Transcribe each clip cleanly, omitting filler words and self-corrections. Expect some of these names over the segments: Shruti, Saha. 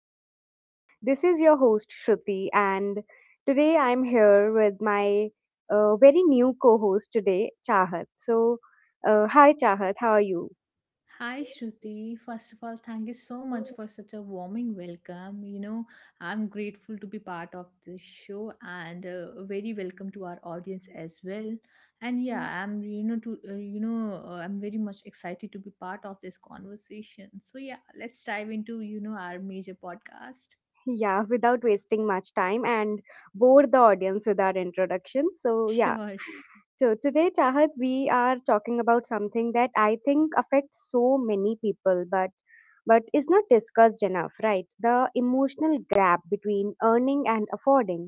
welcome back. This is your host, Shruti, and today I'm here with my very new co host today, Chahat. So, hi, Chahat, how are you? Hi Shruti, first of all, thank you so much for such a warming welcome. I'm grateful to be part of this show and very welcome to our audience as well. And yeah, I'm you know to you know I'm very much excited to be part of this conversation. So yeah, let's dive into our major podcast. Yeah, without wasting much time and bore the audience with our introduction. So, yeah. Sure. So today, Chahat, we are talking about something that I think affects so many people, but is not discussed enough, right? The emotional gap between earning and affording.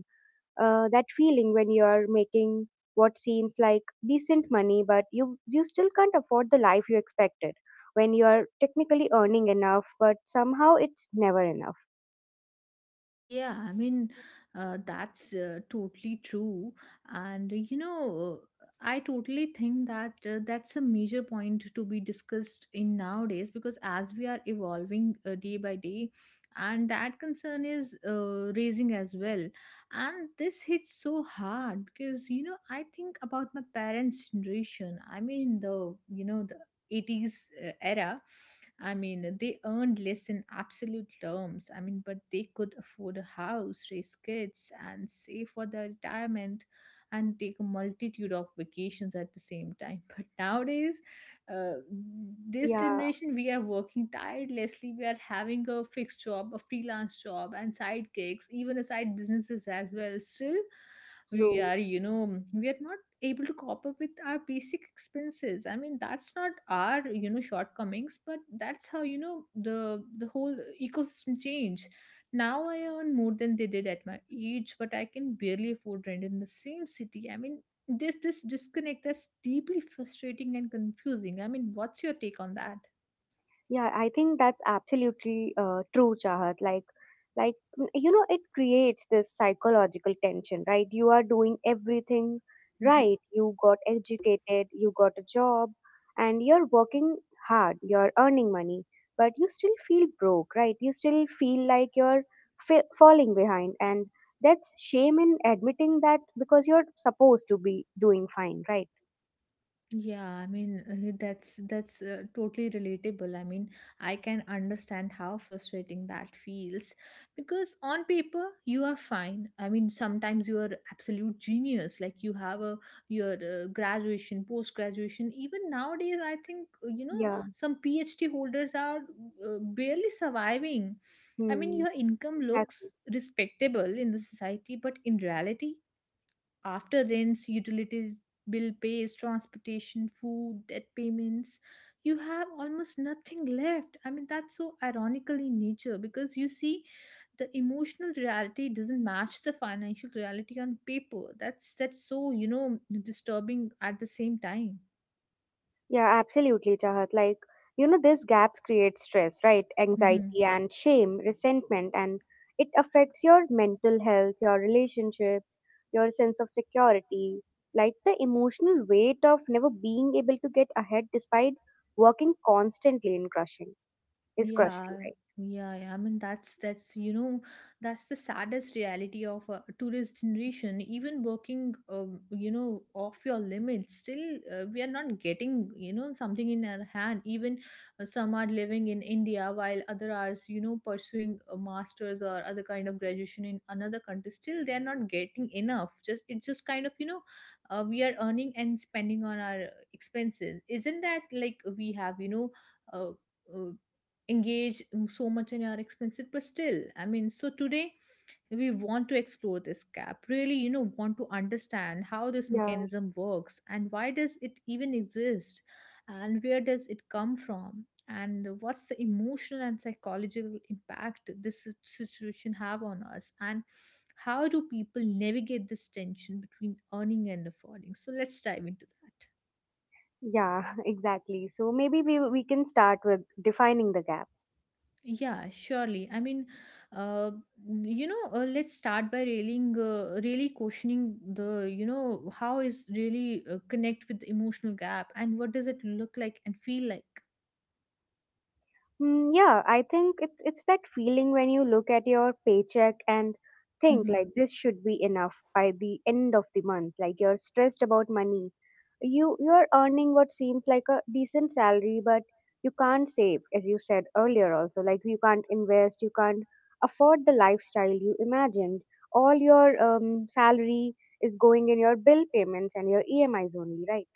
That feeling when you are making what seems like decent money, but you still can't afford the life you expected. When you are technically earning enough, but somehow it's never enough. Yeah, I mean, that's totally true. And I totally think that that's a major point to be discussed in nowadays because as we are evolving day by day, and that concern is raising as well. And this hits so hard because I think about my parents' generation. I mean, the 80s era. I mean, they earned less in absolute terms. I mean, but they could afford a house, raise kids and save for their retirement, and take a multitude of vacations at the same time. But nowadays, uh, this Yeah, generation, we are working tirelessly. We are having a fixed job, a freelance job and side gigs, even a side businesses as well. Still, we true. are you know we are not able to cope up with our basic expenses. I mean, that's not our, shortcomings, but that's how the whole ecosystem change. Now I earn more than they did at my age, but I can barely afford rent in the same city. I mean, there's this disconnect. That's deeply frustrating and confusing. I mean, what's your take on that? Yeah, I think that's absolutely true, Chahat. Like, you know, it creates this psychological tension, right? You are doing everything Mm-hmm. right. You got educated, you got a job, and you're working hard. You're earning money, but you still feel broke, right? You still feel like you're falling behind, and that's shame in admitting that because you're supposed to be doing fine, right? Yeah, I mean, that's totally relatable. I mean, I can understand how frustrating that feels because on paper you are fine. I mean, sometimes you are absolute genius. Like, you have a your graduation, post graduation. Even nowadays, I think Yeah. some PhD holders are barely surviving. I mean, Hmm. your income Exactly. looks respectable in the society, but in reality, after rents, utilities, bill pays, transportation, food, debt payments, you have almost nothing left. I mean, that's so ironical in nature. Because you see, the emotional reality doesn't match the financial reality on paper. That's so disturbing at the same time. Yeah, absolutely, Chahat. Like, you know, these gaps create stress, right? Anxiety and shame, resentment, and it affects your mental health, your relationships, your sense of security. Like, the emotional weight of never being able to get ahead despite working constantly in crushing is crushing, Yeah, right? yeah, yeah. I mean, that's the saddest reality of a tourist generation. Even working, off your limits, still we are not getting something in our hand. Even some are living in India while other are pursuing a master's or other kind of graduation in another country. Still, they are not getting enough. Just it's just kind of, we are earning and spending on our expenses. Isn't that like we have. Uh, uh, engage so much in our expenses, but still, I mean, so today we want to explore this gap, really want to understand how this Yeah, mechanism works and why does it even exist and where does it come from and what's the emotional and psychological impact this situation have on us and how do people navigate this tension between earning and affording. So let's dive into that. yeah, exactly. So maybe we can start with defining the gap. Yeah, surely. I mean, uh, let's start by railing, really questioning the, how is really connect with the emotional gap, and what does it look like and feel like? Yeah, I think it's that feeling when you look at your paycheck and think like this should be enough by the end of the month. Like you're stressed about money. You're earning what seems like a decent salary, but you can't save, as you said earlier also. Like you can't invest, you can't afford the lifestyle you imagined. All your salary is going in your bill payments and your EMIs only, right?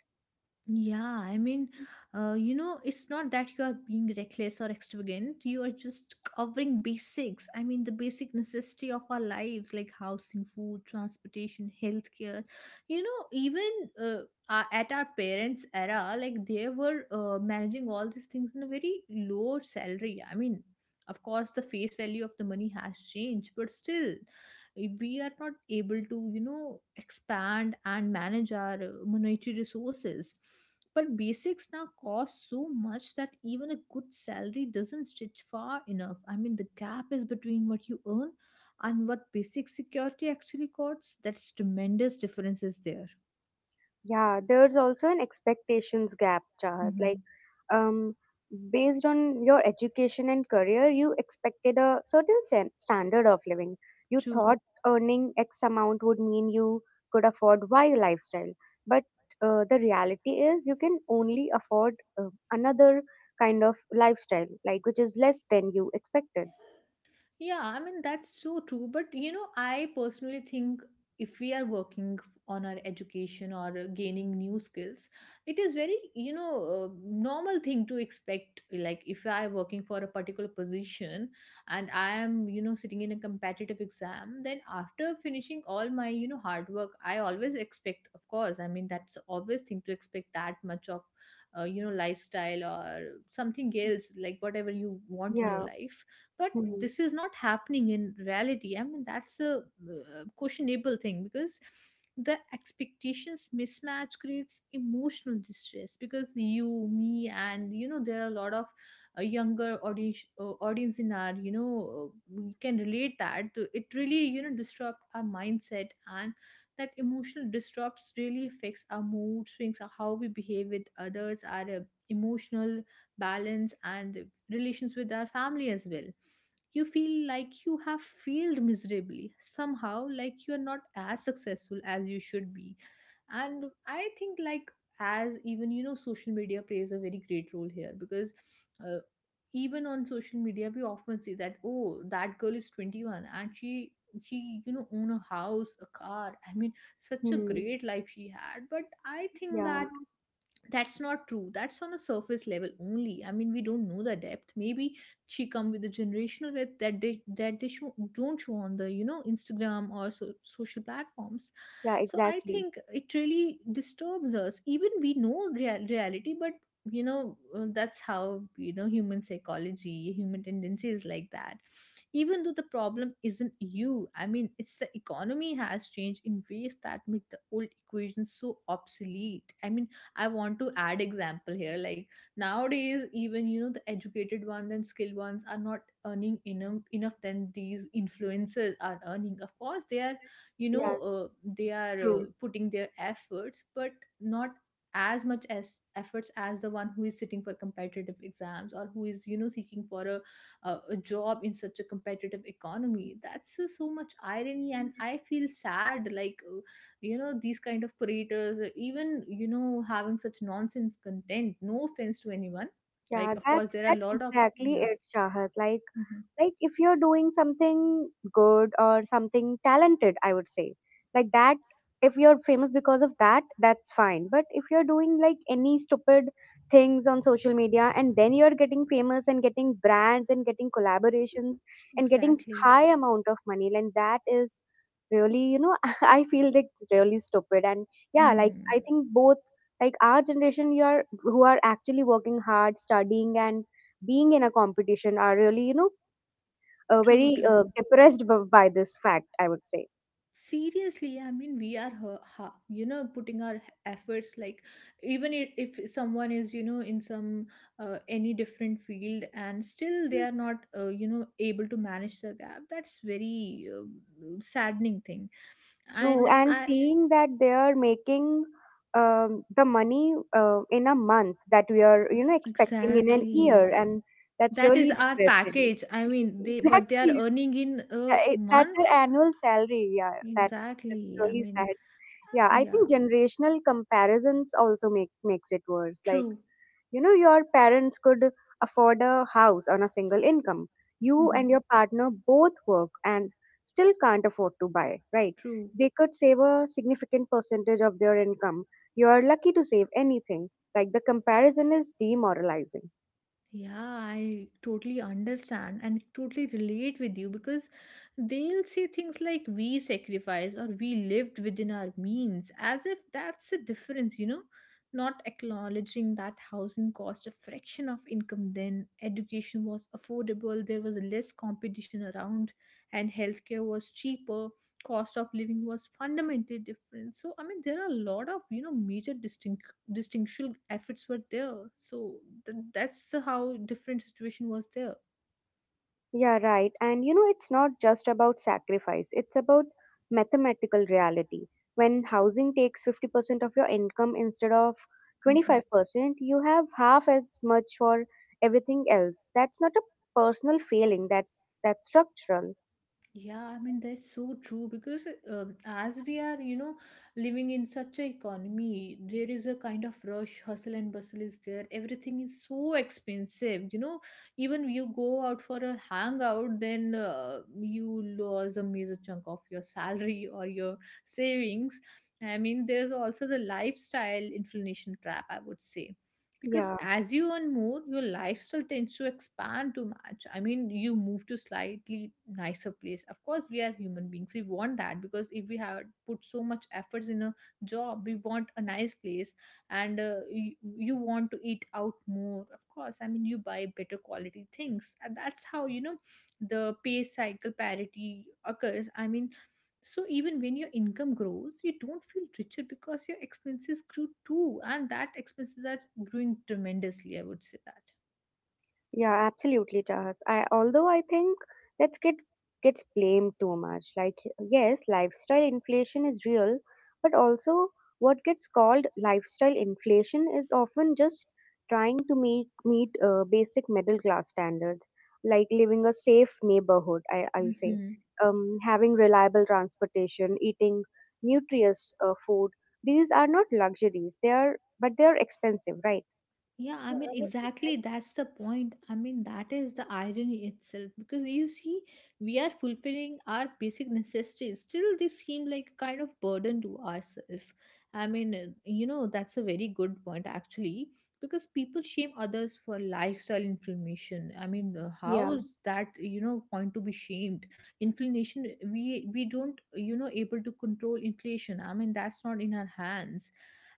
Yeah, I mean, it's not that you are being reckless or extravagant. You are just covering basics. I mean, the basic necessity of our lives, like housing, food, transportation, healthcare. Even uh, at our parents' era, like they were managing all these things in a very low salary. I mean, of course, the face value of the money has changed, but still we are not able to expand and manage our monetary resources. But basics now cost so much that even a good salary doesn't stretch far enough. I mean, the gap is between what you earn and what basic security actually costs. That's tremendous difference is there. Yeah, there's also an expectations gap, Chahat. Like, Hmm. um, based on your education and career, you expected a certain standard of living. You True. thought earning X amount would mean you could afford Y lifestyle. But the reality is, you can only afford another kind of lifestyle, like which is less than you expected. Yeah, I mean, that's so true. But, I personally think if we are working on our education or gaining new skills, it is very, normal thing to expect. Like, if I am working for a particular position and I am, sitting in a competitive exam, then after finishing all my, hard work, I always expect, of course, I mean, that's obvious thing to expect that much of, lifestyle or something else, like whatever you want in your Yeah. life. But Hmm. this is not happening in reality. I mean, that's a questionable thing because the expectations mismatch creates emotional distress, because you, me, and there are a lot of younger audience in our you know uh, we can relate that it really disrupt our mindset. And that emotional disrupts really affects our mood swings, how we behave with others, our emotional balance and relations with our family as well. You feel like you have failed miserably somehow, like you are not as successful as you should be. And I think, like, as even social media plays a very great role here, because uh, even on social media we often see that, oh, that girl is 21 and she own a house, a car. I mean, such a Hmm. great life she had. But I think Yeah. that that's not true. That's on a surface level only. I mean, we don't know the depth. Maybe she come with a generational with that they show, don't show on the Instagram or so, social platforms. Yeah, So I exactly. think it really disturbs us, even we know reality. But that's how human psychology, human tendency is like that. Even though the problem isn't you, I mean, it's the economy has changed in ways that make the old equations so obsolete. I mean, I want to add example here. Like, nowadays, even the educated ones and skilled ones are not earning enough than these influencers are earning. Of course, they are you know Yeah, uh, they are uh, true. putting their efforts, but not as much as efforts as the one who is sitting for competitive exams or who is seeking for a job in such a competitive economy. That's so much irony and I feel sad, like these kind of creators, even having such nonsense content, no offense to anyone. Like, Yeah, of course there are a that's lot of. exactly Yeah. it, Shahat. Like Mhm. like if you're doing something good or something talented, I would say, like that, if you're famous because of that, that's fine. But if you're doing like any stupid things on social media and then you're getting famous and getting brands and getting collaborations and getting Exactly. high amount of money, then that is really, you know, I feel like it's really stupid. And yeah, like Hmm. I think both, like our generation, you are who are actually working hard, studying and being in a competition, are really, you know, True. very True. Depressed by this fact, I would say. Seriously, I mean, we are putting our efforts, like even if someone is in some any different field and still they are not able to manage the gap. That's very saddening thing. True, And and I. seeing that they are making the money in a month that we are, you know, expecting in an Exactly. year, and that's That is really our depressing. package. I mean, they what they are Exactly. earning in a That's month. her annual salary, yeah, that's Exactly. I really mean. sad. Yeah, I think Yeah. generational comparisons also make makes it worse. Like, True. you know, your parents could afford a house on a single income. You Hmm. and your partner both work and still can't afford to buy, right? True. They could save a significant percentage of their income, you are lucky to save anything. Like, the comparison is demoralizing. Yeah, I totally understand and totally relate with you because they'll say things like we sacrificed or we lived within our means as if that's the difference, not acknowledging that housing cost a fraction of income then, education was affordable, there was less competition around, and healthcare was cheaper, cost of living was fundamentally different. So, I mean, there are a lot of, major distinctions distinctual efforts were there. So that's the how different situation was there. Yeah, right. And you know, it's not just about sacrifice, it's about mathematical reality. When housing takes 50% of your income instead of Mhm. 25%, you have half as much for everything else. That's not a personal failing, that's structural. Yeah, I mean, that's so true because as we are, living in such a economy, there is a kind of rush, hustle and bustle is there. Everything is so expensive. Even you go out for a hangout, then you lose a major chunk of your salary or your savings. I mean, there's also the lifestyle inflation trap, I would say, because Yeah. as you earn more your lifestyle tends to expand too much. I mean, you move to slightly nicer place. Of course, we are human beings, we want that, because if we have put so much efforts in a job, we want a nice place. And you want to eat out more, of course. I mean, you buy better quality things, and that's how the pay cycle parity occurs. I mean, so even when your income grows, you don't feel richer because your expenses grew too, and that expenses are growing tremendously. I would say that. Yeah, absolutely, Chahat. I although I think that's gets blamed too much. Like yes, lifestyle inflation is real, but also what gets called lifestyle inflation is often just trying to make meet basic middle class standards, like living a safe neighborhood. I'll say, Mhm. Having reliable transportation, eating nutritious food. These are not luxuries. They are, but they are expensive, right? Yeah, I mean, Yeah. exactly. That's the point. I mean, that is the irony itself. Because you see, we are fulfilling our basic necessities. Still, they seem like a kind of burden to ourselves. I mean, that's a very good point, actually. Because people shame others for lifestyle inflammation. I mean, Yeah. how's that, you know, point to be shamed? Inflammation, we don't, you know, able to control inflation. I mean, that's not in our hands,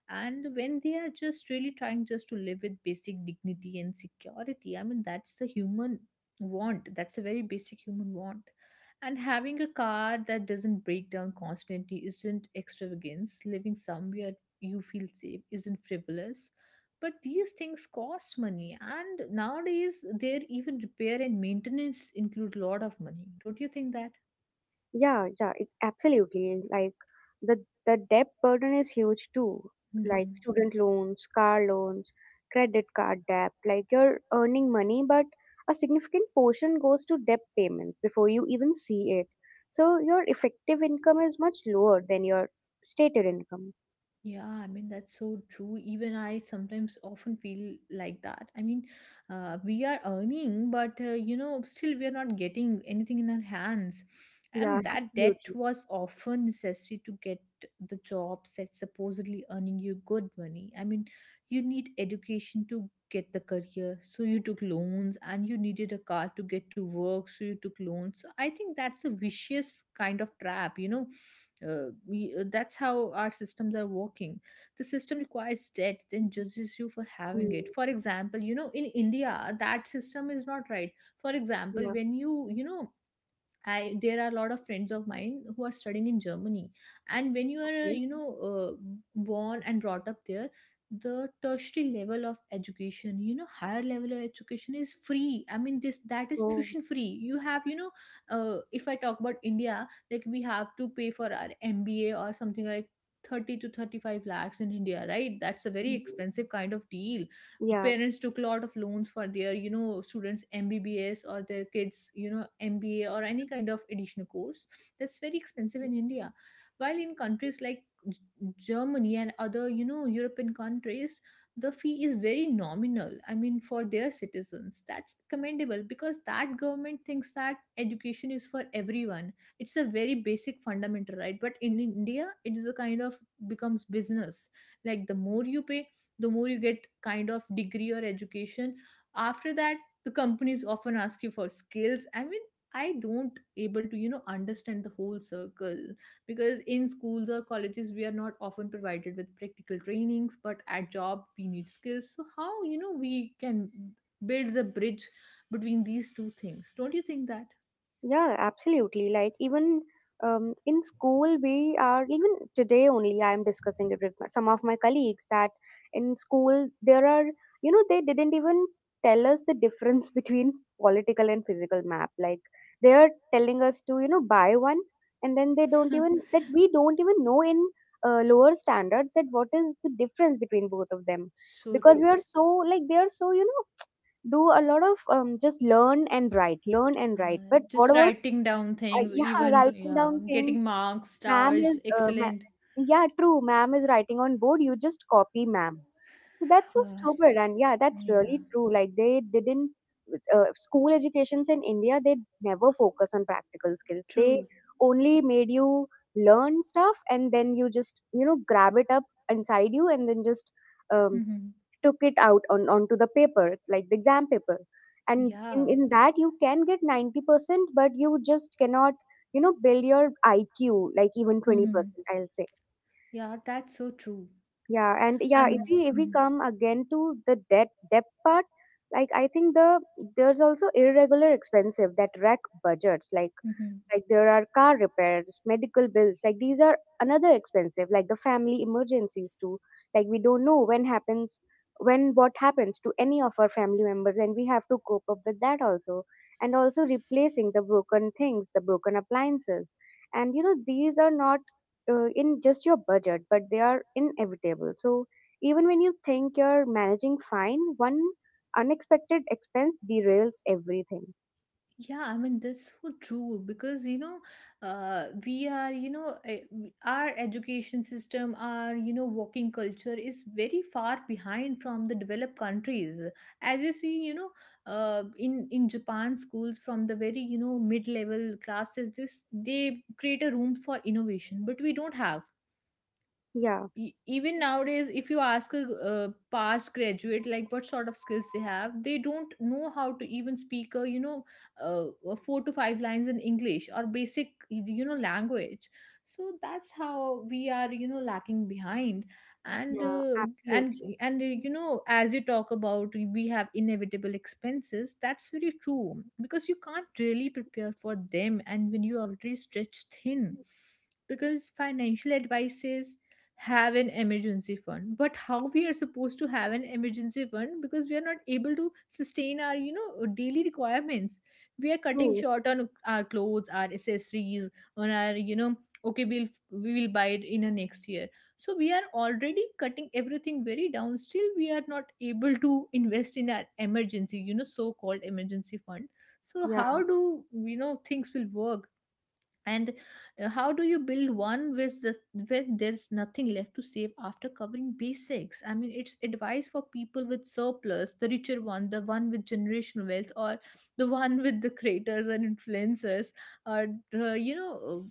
and when they are just really trying just to live with basic dignity and security, I mean that's the human want, that's a very basic human want. And having a car that doesn't break down constantly isn't extravagance, living somewhere you feel safe isn't frivolous, but these things cost money and nowadays their even repair and maintenance include a lot of money, don't you think that? Yeah, yeah, it, absolutely. Like the debt burden is huge too. Like Hmm. student loans, car loans, credit card debt. Like you're earning money, but a significant portion goes to debt payments before you even see it. So your effective income is much lower than your stated income. Yeah, I mean, that's so true. Even I sometimes often feel like that. I mean, we are earning, but still we are not getting anything in our hands. Yeah, And that debt absolutely. was often necessary to get the jobs that supposedly earning you good money. I mean, you need education to get the career, so you took loans, and you needed a car to get to work, so you took loans. So I think that's a vicious kind of trap, you know, that's how our systems are working. The system requires debt then judges you for having Mm, it. For example, you know, in india that system is not right. For example, yeah. when you know, I there are a lot of friends of mine who are studying in Germany, and when you are, Okay. Born and brought up there, the tertiary level of education, you know, higher level of education is free. I mean, this that is So, tuition free. You have, you know, if I talk about India, like we have to pay for our MBA or something like. 30 to 35 lakhs in india, right? That's a very mm-hmm. expensive kind of deal. Yeah. Parents took a lot of loans for their, you know, students mbbs or their kids, you know, mba or any kind of additional course. That's very expensive in india, while in countries like G- germany and other, you know, european countries, the fee is very nominal. I mean, for their citizens that's commendable because that government thinks that education is for everyone. It's a very basic fundamental right, but in india it is a kind of becomes business. Like the more you pay, the more you get kind of degree or education. After that, the companies often ask you for skills. I mean, I don't able to, you know, understand the whole circle, because in schools or colleges we are not often provided with practical trainings, but at job we need skills, so how, you know, we can build the bridge between these two things, don't you think that? Yeah, absolutely. Like even in school, we are even today only. I am discussing it with my, some of my colleagues that in school there are, you know, they didn't even tell us the difference between political and physical map. Like they are telling us to, you know, buy one, and then they don't even that we don't even know in lower standards that what is the difference between both of them. so Because true. we are so like they are so, you know, do a lot of just learn and write, learn and write. But what Just about writing down things, yeah, even, writing yeah, down getting things? marks, Ma'am stars, is excellent. yeah, true. Ma'am is writing on board. You just copy ma'am. So that's so stupid. And yeah, that's yeah. really true. Like they didn't school educations in India. They never focus on practical skills. They True. only made you learn stuff and then you just, you know, grab it up inside you and then just um, Mhm. took it out on onto the paper like the exam paper. And in, Yeah. in that you can get 90%, but you just cannot, you know, build your iq like even Mhm. 20%, I'll say. Yeah, that's so true. Yeah. And yeah, if I'm. we Mhm. come again to the debt part, like I think there's also irregular expensive that wreck budgets. like Mhm. like there are car repairs, medical bills, like these are another expensive, like the family emergencies too. Like we don't know when happens, when what happens to any of our family members, and we have to cope up with that also. And also replacing the broken things, the broken appliances, and you know these are not in just your budget, but they are inevitable. So even when you think you're managing fine, one unexpected expense derails everything. Yeah, I mean that's so true because you know, we are, you know, our education system, our, you know, working culture is very far behind from the developed countries. As you see, you know, in Japan schools from the very, you know, mid level classes, this they create a room for innovation, but we don't have. Yeah, Even nowadays if you ask a past graduate like what sort of skills they have, they don't know how to even speak a, you know, uh, four to five lines in english or basic, you know, language. So that's how we are, you know, lacking behind. And yeah absolutely. You know, as you talk about, we have inevitable expenses. That's very true because you can't really prepare for them, and when you already stretched thin, because financial advice says have an emergency fund, but how we are supposed to have an emergency fund, because we are not able to sustain our, you know, daily requirements. We are cutting True. short on our clothes, our accessories, on our, you know, okay we will buy it in a next year. So we are already cutting everything very down, still we are not able to invest in our emergency, you know, so called emergency fund. So Yeah. how do you know things will work? And how do you build one with the, where there's nothing left to save after covering basics? I mean it's advice for people with surplus, the richer one, the one with generational wealth, or the one with the creators and influencers, or the, you know,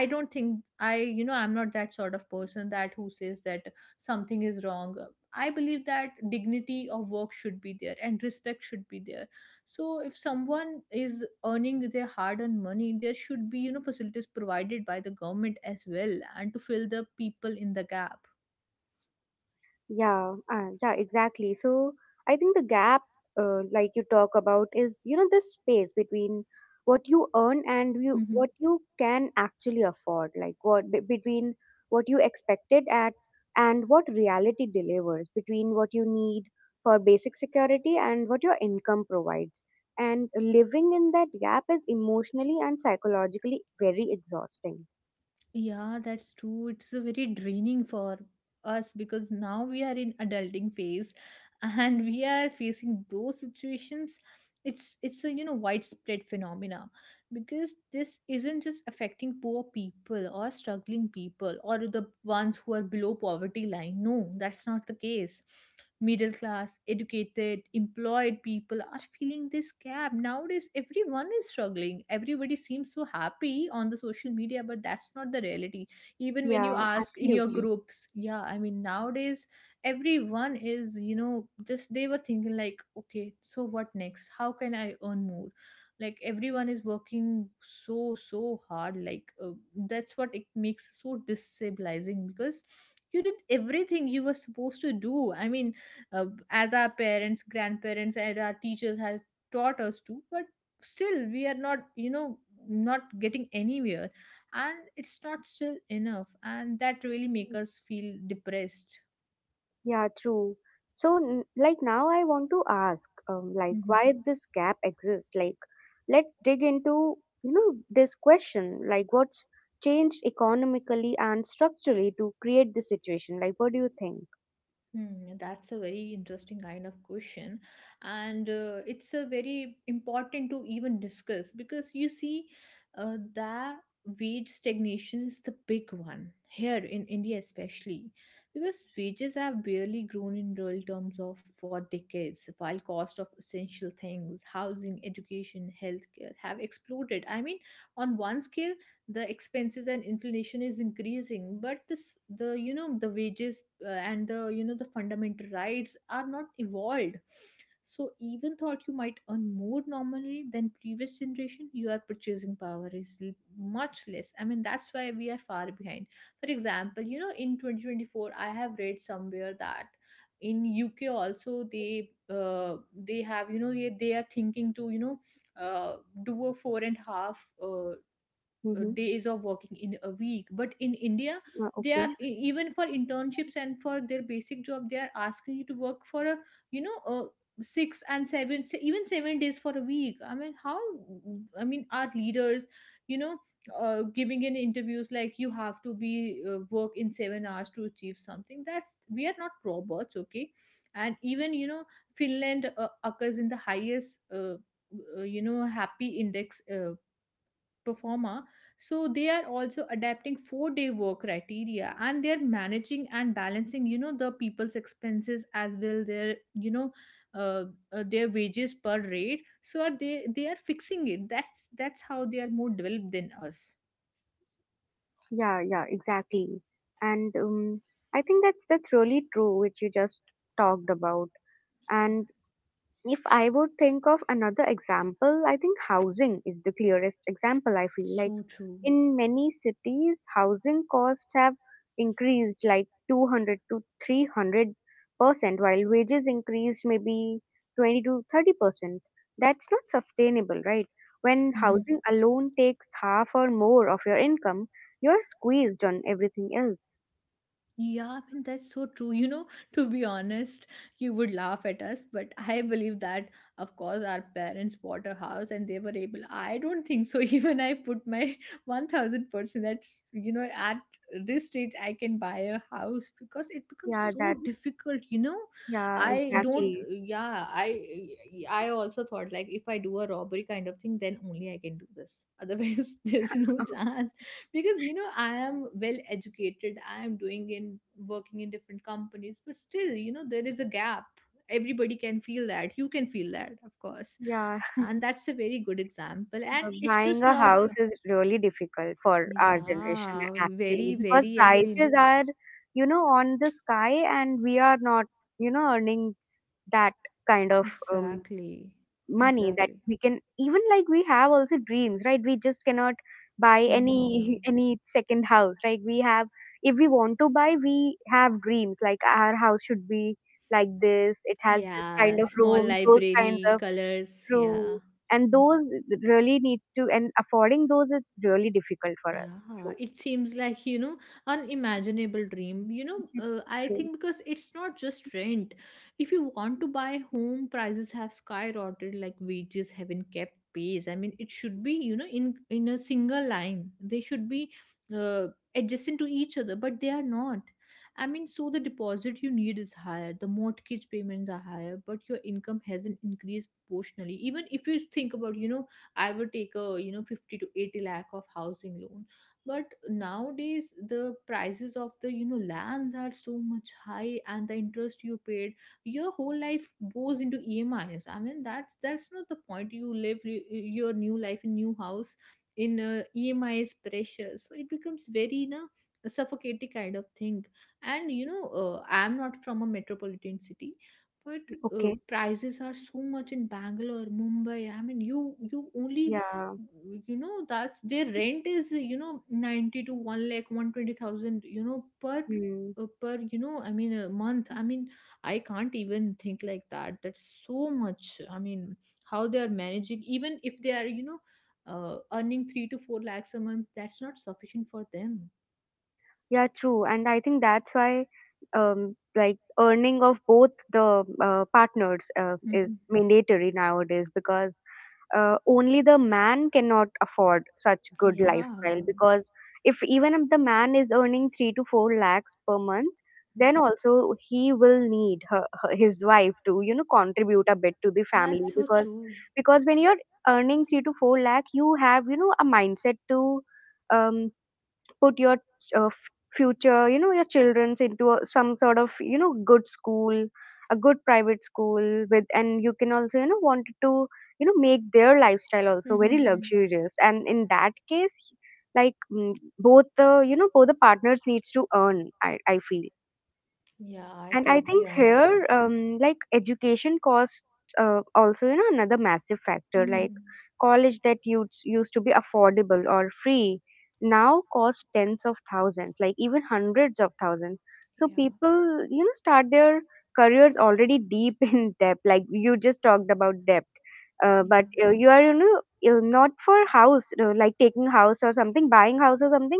I don't think i, you know, I'm not that sort of person that who says that something is wrong. I believe that dignity of work should be there and respect should be there. So if someone is earning their hard-earned money, there should be, you know, facilities provided by the government as well, and to fill the people in the gap. Yeah. Yeah. Exactly. So I think the gap, like you talk about, is, you know, this space between what you earn and you Mhm. what you can actually afford, like what between what you expected at and what reality delivers, between what you need for basic security and what your income provides. And living in that gap is emotionally and psychologically very exhausting. Yeah, that's true. It's a very draining for us, because now we are in adulting phase, and we are facing those situations. It's a, you know, widespread phenomena, because this isn't just affecting poor people or struggling people or the ones who are below poverty line. No, that's not the case. Middle class, educated, employed people are feeling this gap. Nowadays, everyone is struggling. Everybody seems so happy on the social media, but that's not the reality. Even when you Yeah, ask in your absolutely. groups, yeah, I mean, nowadays, everyone is, you know, just they were thinking, like, okay, so what next? How can I earn more? Like, everyone is working so, so hard. Like, that's what it makes so destabilizing because you did everything you were supposed to do. I mean, as our parents, grandparents and our teachers have taught us to, but still we are not, you know, not getting anywhere, and it's not still enough, and that really make us feel depressed. Yeah, true. So, like now, I want to ask, like, Mm-hmm. why this gap exists? Like, let's dig into, you know, this question. Like, what's changed economically and structurally to create this situation? Like, what do you think? Hmm, that's a very interesting kind of question, and it's a very important to even discuss, because you see, the wage stagnation is the big one here in India, especially because wages have barely grown in real terms of for decades, while cost of essential things, housing, education, healthcare, have exploded. I mean, on one scale, the expenses and inflation is increasing, but this the, you know, the wages and the, you know, the fundamental rights are not evolved. So even thought you might earn more normally than previous generation, your purchasing power is much less. I mean that's why we are far behind. For example, you know, in 2024 I have read somewhere that in uk also they have, you know, they are thinking to, you know, uh, do a four and a half Mm-hmm. days of working in a week, but in india they Okay. are Yeah. Even for internships and for their basic job, they are asking you to work for a, you know, six and even 7 days for a week. I mean how, I mean our leaders, you know, giving in interviews like you have to be, work in 7 hours to achieve something. That's we are not robots, okay. And even, you know, finland occurs in the highest, you know, happy index performer. So they are also adapting 4 day work criteria, and they're managing and balancing, you know, the people's expenses as well, their, you know, uh, their wages per rate, so are they are fixing it. That's how they are more developed than us. Yeah, yeah, exactly. And I think that's really true, which you just talked about. And if I would think of another example, I think housing is the clearest example. I feel like So true. in many cities, housing costs have increased like 200 to 300 percent, while wages increased maybe 20 to 30 percent. That's not sustainable, right? When Mm-hmm. housing alone takes half or more of your income, you're squeezed on everything else. Yeah, I mean, that's so true. You know, to be honest, you would laugh at us, but I believe that, of course, our parents bought a house and they were able. I don't think so. Even I put my 1000% that, you know, at this stage, I can buy a house because it becomes Yeah, so that. difficult, you know. Yeah, I don't, exactly. yeah, I also thought like if I do a robbery kind of thing, then only I can do this. Otherwise, there's no chance because you know I am well educated, I am doing in working in different companies, but still, you know, there is a gap. Everybody can feel that, you can feel that, of course. Yeah. And that's a very good example, and it's buying just a not, house is really difficult for our generation yeah, very actually because very, I mean. prices are, you know, on the sky and we are not, you know, earning that kind of um, Exactly. money that Exactly. we can even, like we have also dreams, right? We just cannot buy No, no. any any second house, right? We have, if we want to buy, we have dreams like our house should be like this, it has this Yeah, kind of small rooms, those kinds library of. colors, yeah. True. And Hmm. those really need to, and affording those, it's really difficult for us. Yeah, True. it seems like, you know, unimaginable dream. You know, I True. think because it's not just rent. If you want to buy home, prices have skyrocketed, like wages haven't kept pace. I mean, it should be, you know, in a single line. They should be uh, adjacent to each other, but they are not. I mean, so the deposit you need is higher, the mortgage payments are higher, but your income hasn't increased proportionally. Even if you think about, you know, I would take a 50 to 80 lakh of housing loan, but nowadays the prices of the lands are so much high, and the interest you paid your whole life goes into emis. I mean, that's not the point. You live your new life in new house in emi is precious. So it becomes very, you know, a suffocating kind of thing. And I'm not from a metropolitan city, but Okay. prices are so much in Bangalore, Mumbai. I mean, you only Yeah. you know that's their rent is, you know, 90 to 1 lakh 120,000 per Hmm. I mean, a month. I mean, I can't even think like that. That's so much. I mean, how they are managing, even if they are, you know, earning 3 to 4 lakhs a month? That's not sufficient for them. Yeah, true. And I think that's why, like earning of both the partners is Mhm. mandatory nowadays because only the man cannot afford such good Yeah. lifestyle because if even if the man is earning 3 to 4 lakhs per month, then also he will need his wife to, you know, contribute a bit to the family. That's so because true. because when you're earning 3 to 4 lakh, you have, you know, a mindset to um, put your uh, f- future, you know, your children's into a, some sort of, you know, good school, a good private school with, and you can also, you know, wanted to, you know, make their lifestyle also very luxurious. And in that case, like, mm, both the, you know, both the partners needs to earn, I feel. Yeah, I And I totally think understand. here, like education costs, also, you know, another massive factor. Like college that used to be affordable or free now costs tens of thousands, like even hundreds of thousands. So Yeah. people, start their careers already deep in debt. Like you just talked about debt, Yeah. but you are not for house, like taking house or something, buying house or something.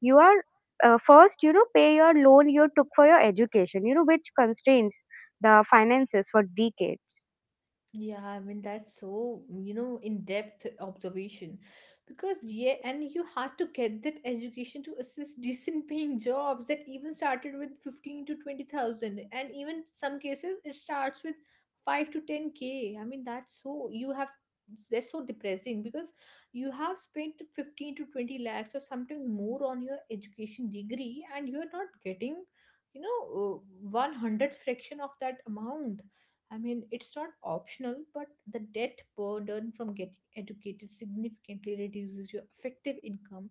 You are first pay your loan you took for your education which constrains the finances for decades. Yeah, I mean that's so, you know, in-depth observation. Because yeah, and you had to get that education to assist decent paying jobs that even started with 15 to 20,000, and even some cases it starts with 5 to 10K. I mean, that's so depressing because you have spent 15 to 20 lakhs or sometimes more on your education degree, and you're not getting, you know, 100 fraction of that amount. I mean, it's not optional, but the debt burden from getting educated significantly reduces your effective income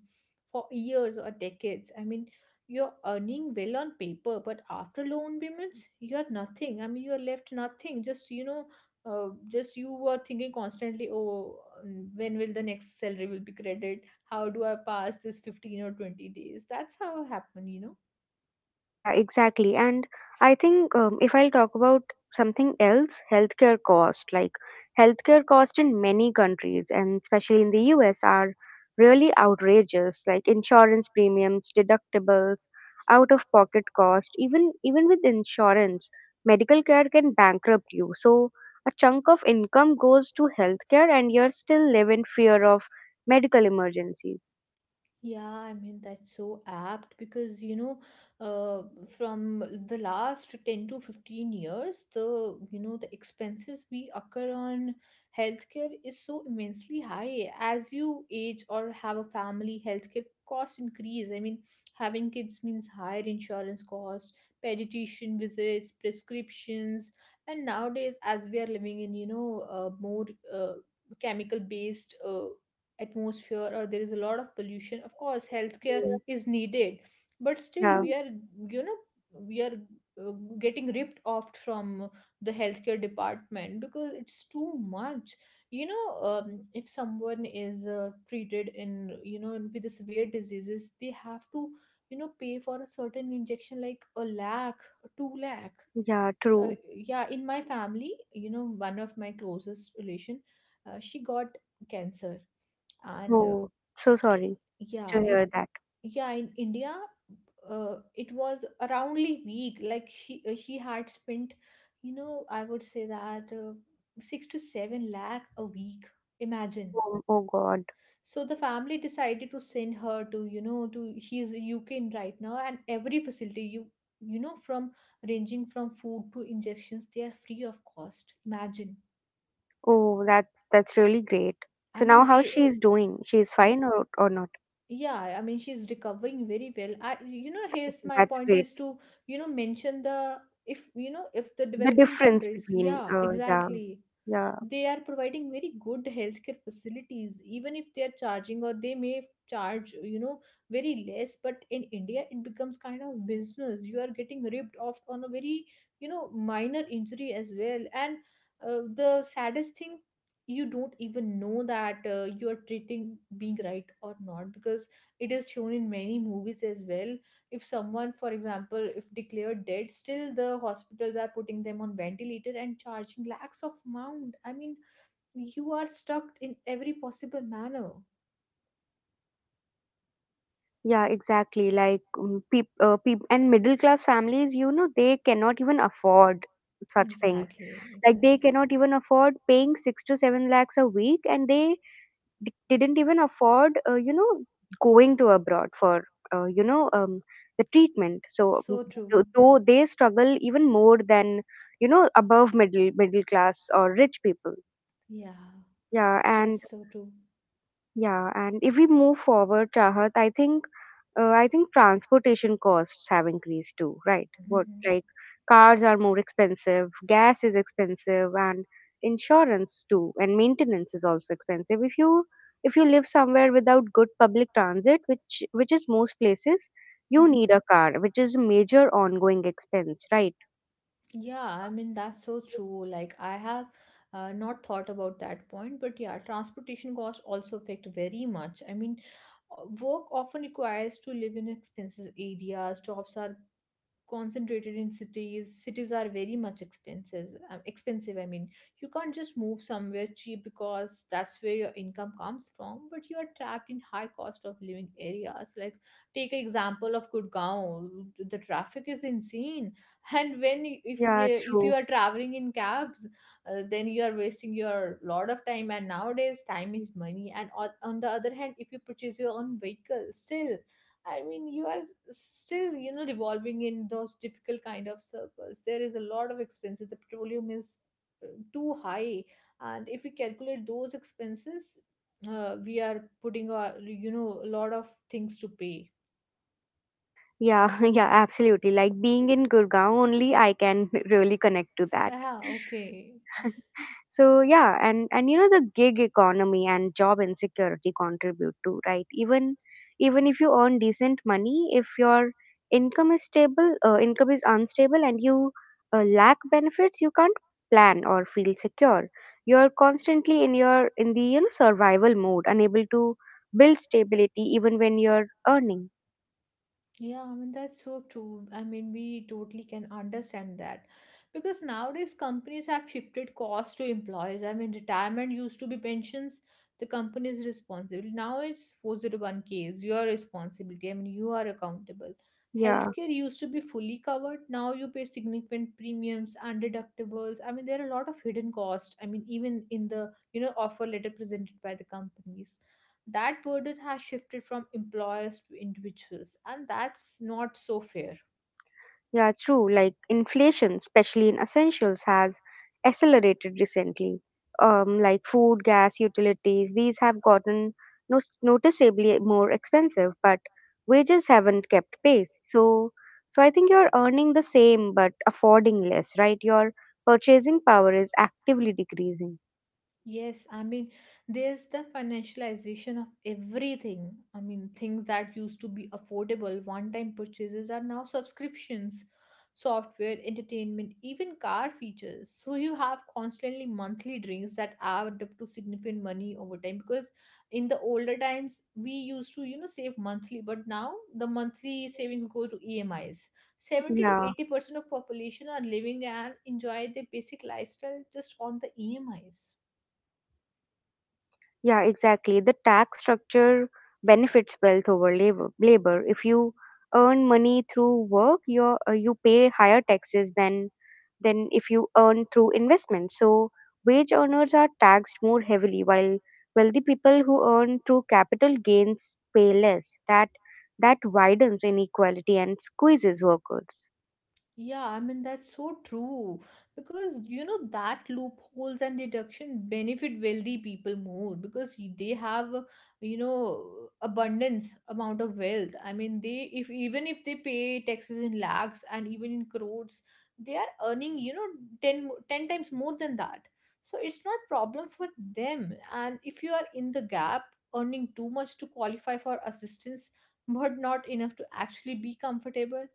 for years or decades. I mean, you're earning well on paper, but after loan payments, you're nothing. I mean, you're left nothing. Just, you know, just you were thinking constantly, oh, when will the next salary will be credited? How do I pass this 15 or 20 days? That's how it happened, you know. Yeah, exactly. And I think if I'll talk about something else, healthcare cost, like healthcare cost in many countries and especially in the US are really outrageous, like insurance premiums, deductibles, out of pocket cost, even with insurance, medical care can bankrupt you. So a chunk of income goes to healthcare and you're still live in fear of medical emergencies. Yeah, I mean, that's so apt because, you know, uh, from the last 10 to 15 years, the expenses we occur on healthcare is so immensely high. As you age or have a family, healthcare costs increase. I mean, having kids means higher insurance cost, pediatrician visits, prescriptions, and nowadays, as we are living in, you know, more uh, chemical based atmosphere, or there is a lot of pollution. Of course, healthcare Mm. is needed, but still Yeah, you know we are uh, getting ripped off from the healthcare department because it's too much. You know, if someone is treated in, you know, with the severe diseases, they have to, you know, pay for a certain injection, like a lakh, 2 lakh. yeah, true. Yeah, in my family, you know, one of my closest relation, she got cancer. And Oh, so sorry yeah to in hear that. yeah, in India, uh, it was a roundly week. Like she, she had spent, you know, I would say that, 6 to 7 lakh a week. Imagine. Oh, oh God. So the family decided to send her to, you know, to she is UK in right now, and every facility, from ranging from food to injections, they are free of cost. Imagine. Oh, that's really great. I So mean now how they she is doing? She is fine or not? Yeah, I mean she's recovering very well. I you know Here's Okay, my that's point great. is to, you know, mention the, if you know if the The developing difference countries, between yeah yeah. exactly, Yeah, they are providing very good healthcare facilities, even if they are charging. Or they may charge, you know, very less. But in India, it becomes kind of business. You are getting ripped off on a very, you know, minor injury as well. And the saddest thing, you don't even know that you are treating being right or not, because it is shown in many movies as well. If someone, for example, if declared dead, still the hospitals are putting them on ventilator and charging lakhs of amount. I mean, you are stuck in every possible manner. yeah, exactly. Like and middle class families, they cannot even afford such things. Exactly, Like they exactly. cannot even afford paying 6 to 7 lakhs a week, and they didn't even afford going to abroad for uh, you know um, the treatment, so So true. Though they struggle even more than above middle class or rich people. Yeah, Yeah, and that's so true. yeah, and if we move forward, Chahat, I think transportation costs have increased too, right? What, Hmm. like cars are more expensive, gas is expensive, and insurance too, and maintenance is also expensive. If you live somewhere without good public transit, which is most places, you need a car, which is a major ongoing expense, right? Yeah, I mean, that's so true. Like, I have, not thought about that point, but yeah, transportation costs also affect very much. I mean, work often requires to live in expensive areas, jobs are concentrated in cities. Cities are very much expenses expensive. I mean, you can't just move somewhere cheap because that's where your income comes from, but you are trapped in high cost of living areas. Like, take an example of Gurgaon. The traffic is insane. And when, Yeah, if you true. are traveling in cabs, then you are wasting your lot of time. And nowadays, time is money. And on the other hand, if you purchase your own vehicle, still I mean, you are still, you know, revolving in those difficult kind of circles. There is a lot of expenses. The petroleum is uh, too high. And if we calculate those expenses, we are putting our, you know, a lot of things to pay. Yeah, yeah, absolutely. Like being in Gurgaon only, I can really connect to that. Yeah, okay. So yeah, and the gig economy and job insecurity contribute to, right. Even if you earn decent money, if your income is unstable, and you lack benefits, you can't plan or feel secure. You're constantly in the survival mode, unable to build stability even when you're earning. Yeah, I mean, that's so true. I mean, we totally can understand that because nowadays companies have shifted costs to employees. I mean, retirement used to be pensions, the company's responsibility. Now it's 401ks, your responsibility. I mean, you are accountable. Yeah. Healthcare used to be fully covered. Now you pay significant premiums and deductibles. I mean, there are a lot of hidden costs. I mean, even in the, you know, offer letter presented by the companies, that burden has shifted from employers to individuals, and that's not so fair. Yeah, true. Like inflation, especially in essentials, has accelerated recently. Like food, gas, utilities, these have gotten noticeably more expensive, but wages haven't kept pace. So I think you're earning the same but affording less, right? Your purchasing power is actively decreasing. Yes, I mean, there's the financialization of everything. I mean, things that used to be affordable, one-time purchases, are now subscriptions, software, entertainment, even car features. So you have constantly monthly drinks that add up to significant money over time, because in the older times we used to, you know, save monthly, but now the monthly savings go to EMIs. 70 to Yeah. 80% of population are living and enjoy their basic lifestyle just on the EMIs. Yeah, exactly. The tax structure benefits wealth over labor. If you earn money through work, you you pay higher taxes than if you earn through investment. So wage earners are taxed more heavily, while wealthy people who earn through capital gains pay less. That widens inequality and squeezes workers. Yeah, I mean, that's so true, because you know that loopholes and deduction benefit wealthy people more because they have, you know, abundance amount of wealth. I mean, they, if even if they pay taxes in lakhs and even in crores, they are earning, you know, 10 times more than that. So it's not problem for them. And if you are in the gap, earning too much to qualify for assistance but not enough to actually be comfortable,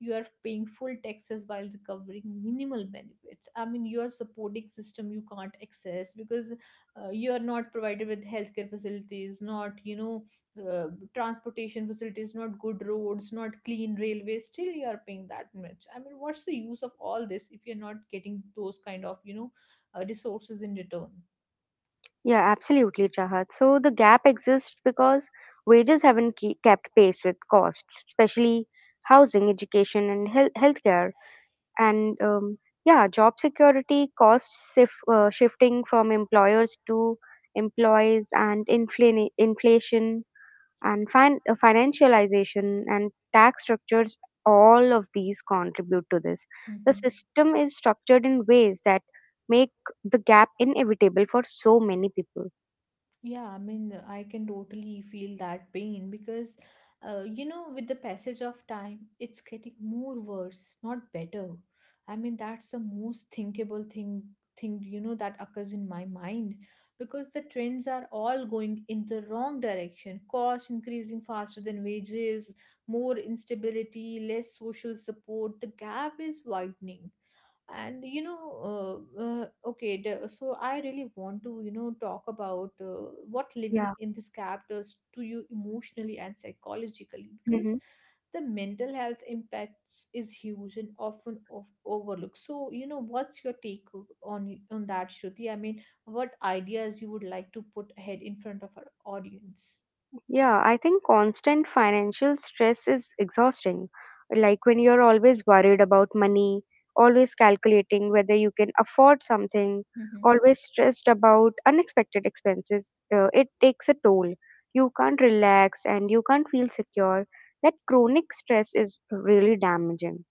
you are paying full taxes while recovering minimal benefits. I mean, you are supporting system you can't access because you are not provided with healthcare facilities, not, you know, uh, transportation facilities, not good roads, not clean railways, still you are paying that much. I mean, what's the use of all this if you're not getting those kind of, you know, resources in return? Yeah, absolutely, Chahat. So the gap exists because wages haven't kept pace with costs, especially housing, education, and healthcare. And yeah, job security costs shifting from employers to employees, and inflation, and financialization, and tax structures. All of these contribute to this. The Mhm. system is structured in ways that make the gap inevitable for so many people. Yeah, I mean, I can totally feel that pain because, you know, with the passage of time, it's getting more worse, not better. I mean, that's the most thinkable thing, you know, that occurs in my mind, because the trends are all going in the wrong direction. Cost increasing faster than wages, more instability, less social support. The gap is widening. And you know, okay, so I really want to, you know, talk about what living Yeah. in this gap does to you emotionally and psychologically, because Hmm. the mental health impacts is huge and often of overlooked. So, you know, what's your take on that, Shruti? I mean, what ideas you would like to put ahead in front of our audience? Yeah, I think constant financial stress is exhausting. Like when you're always worried about money, always calculating whether you can afford something, Hmm. always stressed about unexpected expenses, it takes a toll. You can't relax and you can't feel secure. That chronic stress is really damaging.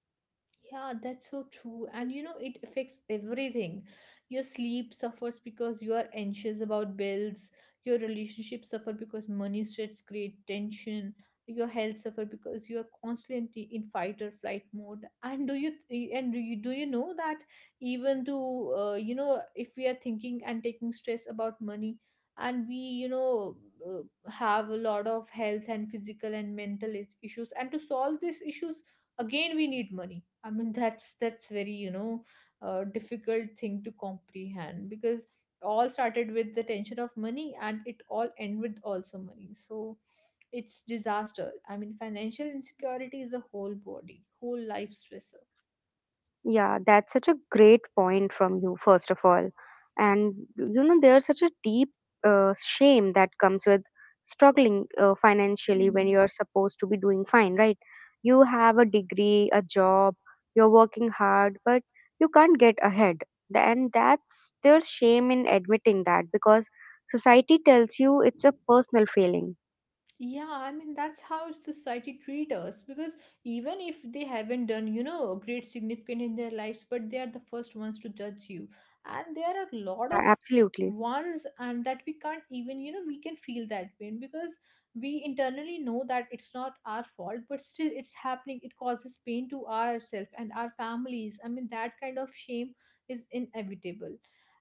Yeah, that's so true. And you know, it affects everything. Your sleep suffers because you are anxious about bills. Your relationships suffer because money stress create tension. Your health suffer because you are constantly in fight or flight mode. And do you know that, even to you know, if we are thinking and taking stress about money, and we, you know, have a lot of health and physical and mental issues, and to solve these issues, again we need money. I mean, that's very, you know, difficult thing to comprehend, because all started with the tension of money and it all end with also money, so it's disaster. I mean, financial insecurity is a whole body, whole life stressor. Yeah, that's such a great point from you, first of all. And there's such a deep shame that comes with struggling financially when Mhm. you're supposed to be doing fine, right? You have a degree, a job, you're working hard, but you can't get ahead. Th- And that's there's shame in admitting that because society tells you it's a personal failing. Yeah, I mean, that's how society treat us, because even if they haven't done, you know, great significant in their lives, but they are the first ones to judge you. And there are a lot Yeah, of absolutely. ones, and that we can't even, you know, we can feel that pain, because we internally know that it's not our fault, but still it's happening. It causes pain to ourselves and our families. I mean, that kind of shame is inevitable.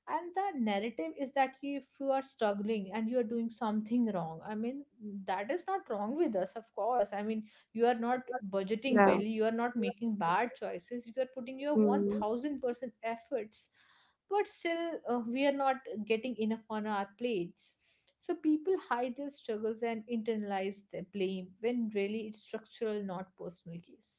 And the narrative is that if you are struggling, and you are doing something wrong. That is not wrong with us, of course. You are not budgeting Yeah. well, you are not making bad choices, you are putting your Hmm. 1000% efforts, but still we are not getting enough on our plates. So people hide their struggles and internalize the blame when really it's structural, not personal case.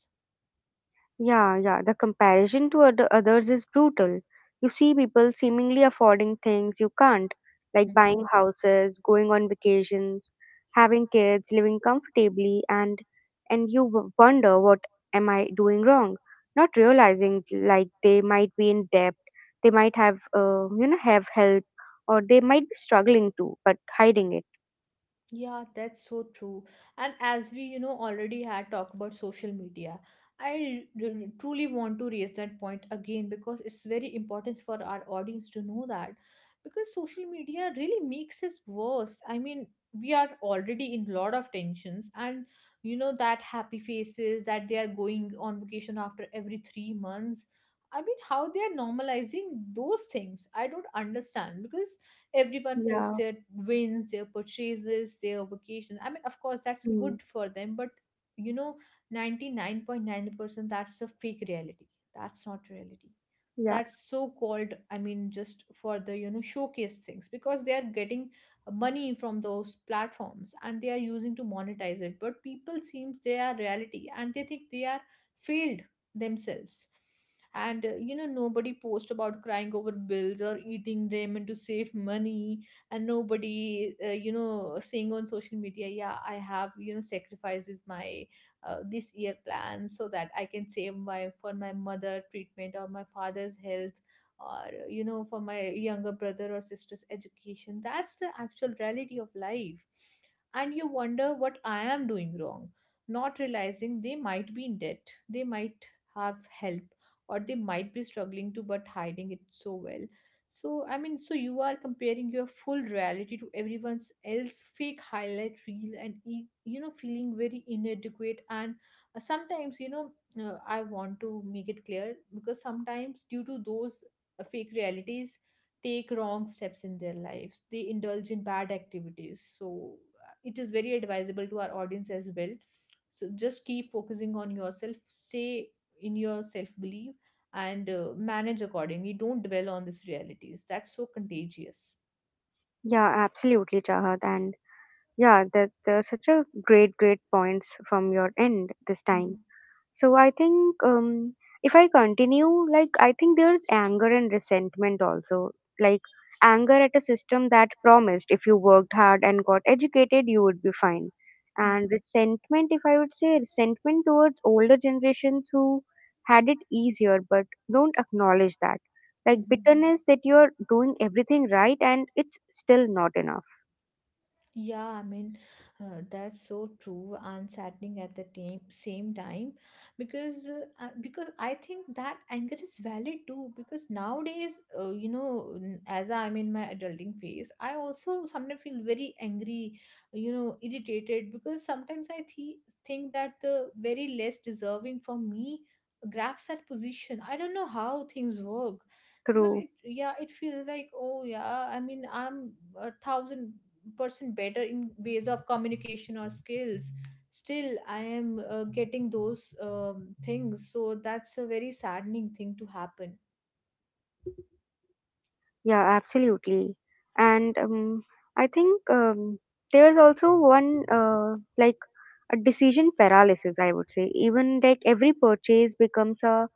Yeah, yeah. The comparison to others is brutal. You see people seemingly affording things you can't, like buying Mm-hmm. houses, going on vacations, having kids, living comfortably, and you wonder, what am I doing wrong? Not realizing, like they might be in debt, they might have you know have help, or they might be struggling too, but hiding it. Yeah, that's so true. And as we, you know, already had talked about social media, I truly want to raise that point again because it's very important for our audience to know that, because social media really makes us worse. I mean, we are already in lot of tensions, and you know that happy faces that they are going on vacation after every 3 months. I mean, how they are normalizing those things, I don't understand, because everyone posts Yeah. their wins, their purchases, their vacation. Of course that's Hmm. good for them, but you know 99.9% that's a fake reality, that's not reality. Yeah. That's so called just for the, you know, showcase things, because they are getting money from those platforms and they are using to monetize it, but people seems they are reality, and they think they are failed themselves. And you know, nobody post about crying over bills or eating ramen to save money. And nobody, you know, saying on social media, yeah, I have, you know, sacrifices my this year plan, so that I can save my for my mother treatment or my father's health, or, you know, for my younger brother or sister's education. That's the actual reality of life. And you wonder what I am doing wrong, not realizing they might be in debt, they might have help, or they might be struggling to but hiding it so well. So, I mean, so you are comparing your full reality to everyone else fake highlight reel, and, you know, feeling very inadequate. And sometimes, you know, I want to make it clear, because sometimes due to those fake realities, take wrong steps in their lives. They indulge in bad activities. So it is very advisable to our audience as well. So just keep focusing on yourself. Stay in your self belief, and manage accordingly. Don't dwell on these realities. That's so contagious. Yeah. Absolutely, Chahat. And yeah, that such a great, great points from your end this time. Mhm, So I think if I continue, like I think there's anger and resentment also. Like anger at a system that promised if you worked hard and got educated, you would be fine. mhm, And resentment, if I would say, resentment towards older generations who had it easier but don't acknowledge that. Like mhm. bitterness that you're doing everything right and it's still not enough. Yeah, I mean, that's so true and saddening at the time, same time, because I think that anger is valid too, because nowadays, you know, as I'm in my adulting phase, I also sometimes feel very angry, you know, irritated, because sometimes I think that the very less deserving from me grabs that position. I don't know how things work, because True. it, yeah, it feels like, oh yeah, I mean, I'm 1000% better in ways of communication or skills, still I am, getting those things. So that's a very saddening thing to happen. Yeah, absolutely. And I think there's also one like a decision paralysis, I would say. Even like every purchase becomes a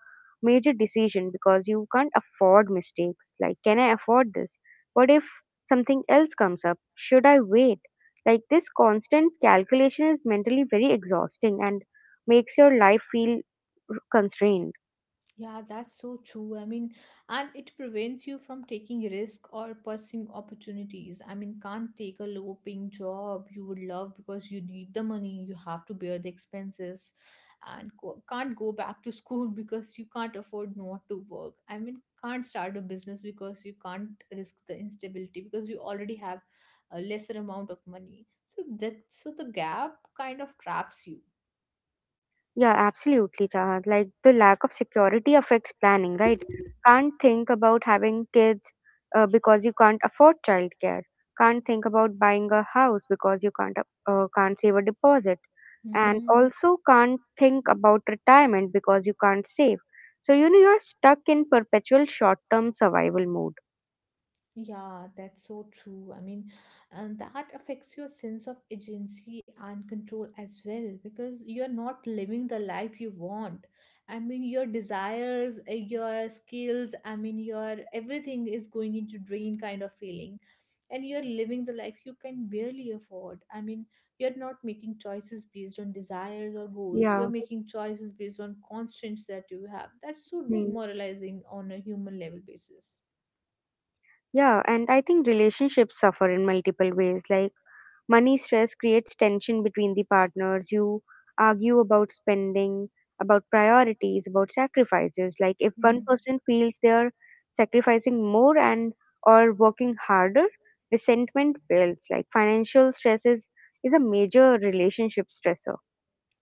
major decision because you can't afford mistakes. Like, can I afford this? What if something else comes up? Should I wait? Like, this constant calculation is mentally very exhausting and makes your life feel constrained. Yeah, that's so true. I mean, and it prevents you from taking risk or pursuing opportunities. I mean, can't take a low paying job you would love because you need the money, you have to bear the expenses, and go, can't go back to school because you can't afford not to work. I mean, can't start a business because you can't risk the instability because you already have a lesser amount of money. So that, so the gap kind of traps you. Yeah, absolutely, Chahat. Like the lack of security affects planning, right? Can't think about having kids because you can't afford childcare. Can't think about buying a house because you can't save a deposit, and Hmm. also can't think about retirement because you can't save. So you're stuck in perpetual short-term survival mode. Yeah, that's so true. I mean, and that affects your sense of agency and control as well, because you're not living the life you want. I mean, your desires, your skills, I mean, your everything is going into drain kind of feeling. And you're living the life you can barely afford. I mean, you're not making choices based on desires or goals. You are Yeah. making choices based on constraints that you have. That's so Hmm. demoralizing on a human level basis. Yeah, and I think relationships suffer in multiple ways. Like money stress creates tension between the partners. You argue about spending, about priorities, about sacrifices. Like if one Mhm. person feels they are sacrificing more and or working harder, resentment builds. Like financial stress is a major relationship stressor.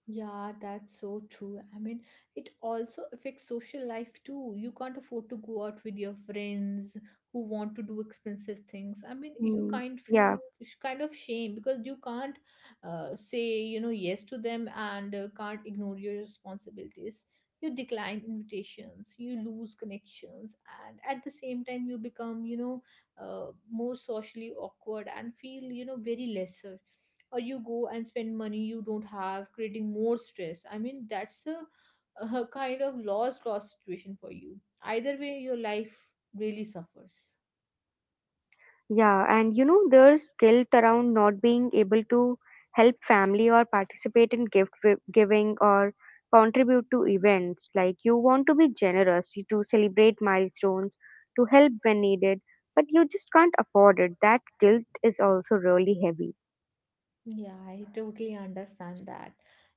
Yeah, that's so true. I mean, it also affects social life too. You can't afford to go out with your friends who want to do expensive things. I mean, you Mm. kind feel Yeah. Kind of shame because you can't say, you know, yes to them, and can't ignore your responsibilities. You decline invitations, you lose connections, and at the same time, you become, you know, more socially awkward and feel, you know, very lesser, or you go and spend money you don't have, creating more stress. I mean, that's a kind of lost situation for you. Either way, your life really suffers. Yeah, and there's guilt around not being able to help family or participate in gift giving or contribute to events. Like, you want to be generous, you to celebrate milestones, to help when needed, but you just can't afford it. That guilt is also really heavy. Yeah, I totally understand that.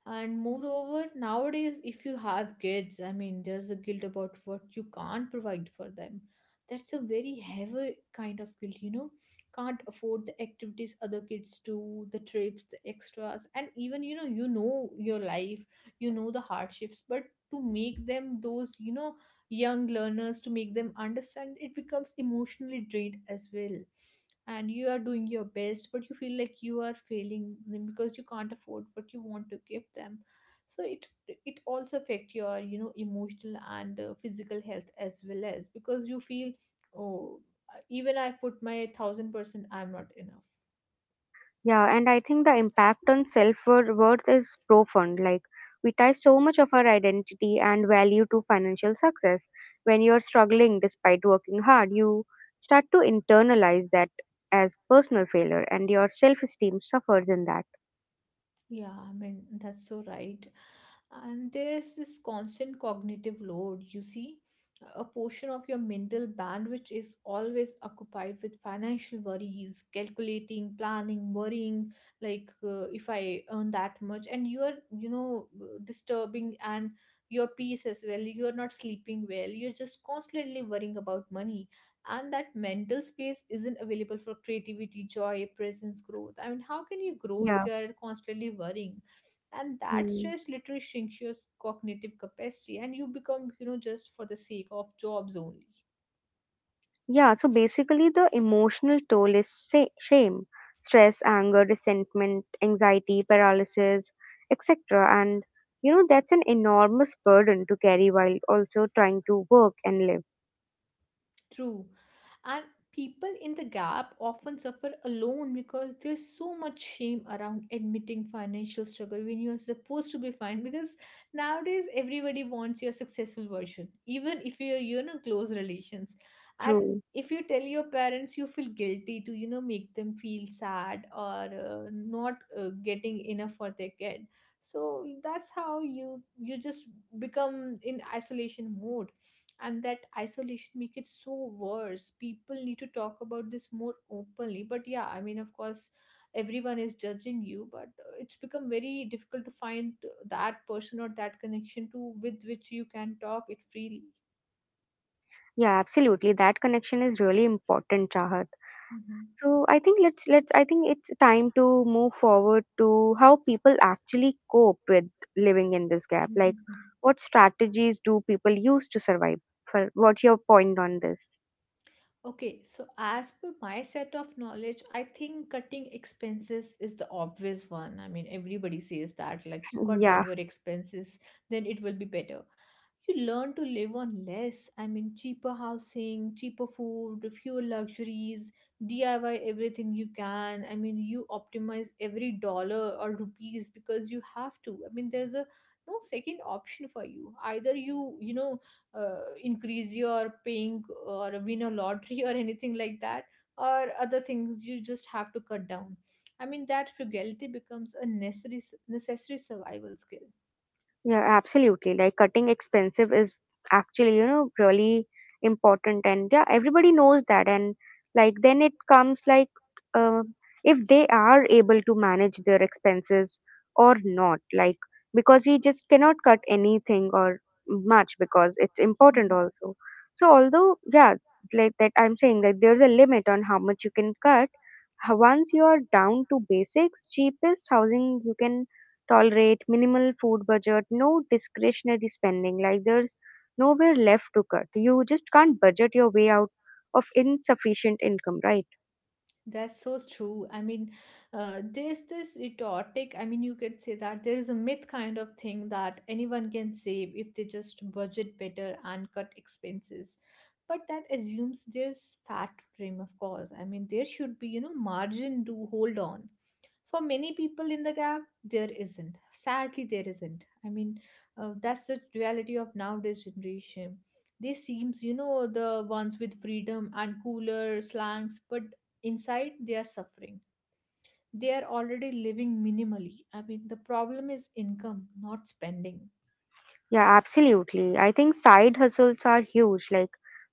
And moreover, nowadays, if you have kids, I mean, there's a guilt about what you can't provide for them. That's a very heavy kind of guilt, you know. Can't afford the activities other kids do, the trips, the extras, and even, you know your life, you know the hardships, but to make them those, you know, young learners, to make them understand, it becomes emotionally drained as well. And you are doing your best, but you feel like you are failing them, because you can't afford what you want to give them. So it also affect your, you know, emotional and physical health as well, as because you feel, oh, even I've put my 1000%, I'm not enough. Yeah, and I think the impact on self worth is profound. Like, we tie so much of our identity and value to financial success. When you're struggling despite working hard, you start to internalize that as personal failure, and your self esteem suffers in that. Yeah, I mean, that's so right. And there's this constant cognitive load, you see. A portion of your mental bandwidth is always occupied with financial worries, calculating, planning, worrying, like if I earn that much. And you're, you know, disturbing and your peace as well. You're not sleeping well. You're just constantly worrying about money, and that mental space isn't available for creativity, joy, presence, growth. I mean, how can you grow if Yeah. you are constantly worrying, and that Hmm. stress literally shrinks your cognitive capacity, and you become, you know, just for the sake of jobs only. Yeah, so basically, the emotional toll is shame, stress, anger, resentment, anxiety, paralysis, etc. And that's an enormous burden to carry while also trying to work and live. True. And people in the gap often suffer alone because there's so much shame around admitting financial struggle when you're supposed to be fine. Because nowadays, everybody wants your successful version, even if you're, you know, close relations. And True. if you tell your parents, you feel guilty to, you know, make them feel sad, or not getting enough for their kid. So that's how you just become in isolation mode, and that isolation make it so worse. People need to talk about this more openly, but yeah, I mean, of course everyone is judging you, but it's become very difficult to find that person or that connection to with which you can talk it freely. Yeah, absolutely. That connection is really important, Chahat. Mhm. So I think it's time to move forward to how people actually cope with living in this gap. Like, what strategies do people use to survive? For what's your point on this? Okay, so as per my set of knowledge, I think cutting expenses is the obvious one. I mean, everybody says that, like, you cut down Yeah, your expenses, then it will be better. You learn to live on less. I mean, cheaper housing, cheaper food, fewer luxuries, DIY everything you can. I mean, you optimize every dollar or rupees, because you have to. I mean, there's a no second option for you. Either you, you know, increase your paying or win a lottery or anything like that, or other things you just have to cut down. I mean, that frugality becomes a necessary survival skill. yeah, absolutely. Like cutting expensive is actually, really important, and yeah, everybody knows that. And like then it comes like uh, if they are able to manage their expenses or not, like because we just cannot cut anything or much because it's important Mhm. also. So although yeah, like that I'm saying that there's a limit on how much you can cut. Once you are down to basics, cheapest housing you can tolerate, minimal food budget, no discretionary spending. Like there's nowhere left to cut. You just can't budget your way out of insufficient income, right? That's so true. I mean, there's this rhetoric. I mean, you can say that there is a myth kind of thing that anyone can save if they just budget better and cut expenses. But that assumes there's fat frame, of course. I mean, there should be, you know, margin to hold on. For many people in the gap, there isn't. Sadly, there isn't. I mean, that's the duality of nowadays generation. They seems, you know, the ones with freedom and cooler slangs, but inside, they are suffering. They are already living minimally. I mean, the problem is income, not spending. Yeah, absolutely. I think side hustles are huge. Like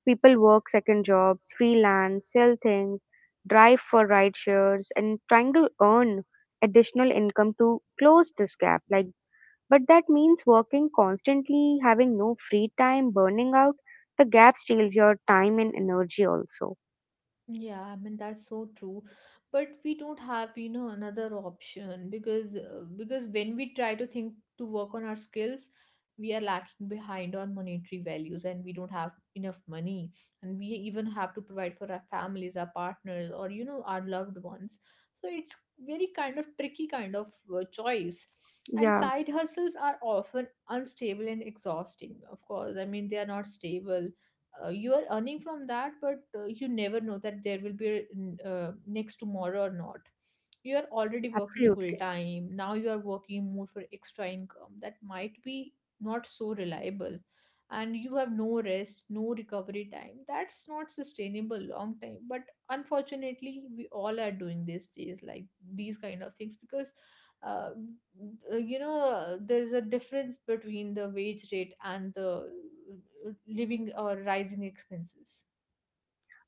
people work second jobs, freelance, sell things, drive for ride shares, and trying to earn additional income to close this gap. Like, but that means working constantly, having no free time, burning out. The gap steals your time and energy also. Yeah, I mean that's so true, but we don't have, you know, another option, because when we try to think to work on our skills, we are lacking behind on monetary values and we don't have enough money, and we even have to provide for our families, our partners, or you know our loved ones. So it's very kind of tricky kind of choice. And Yeah, side hustles are often unstable and exhausting. Of course, I mean they are not stable. You are earning from that, but you never know that there will be a, next tomorrow or not. You are already working full absolutely. time, now you are working more for extra income that might be not so reliable, and you have no rest, no recovery time. That's not sustainable long time, but unfortunately we all are doing these days, like these kind of things, because uh, you know there's a difference between the wage rate and the living or rising expenses.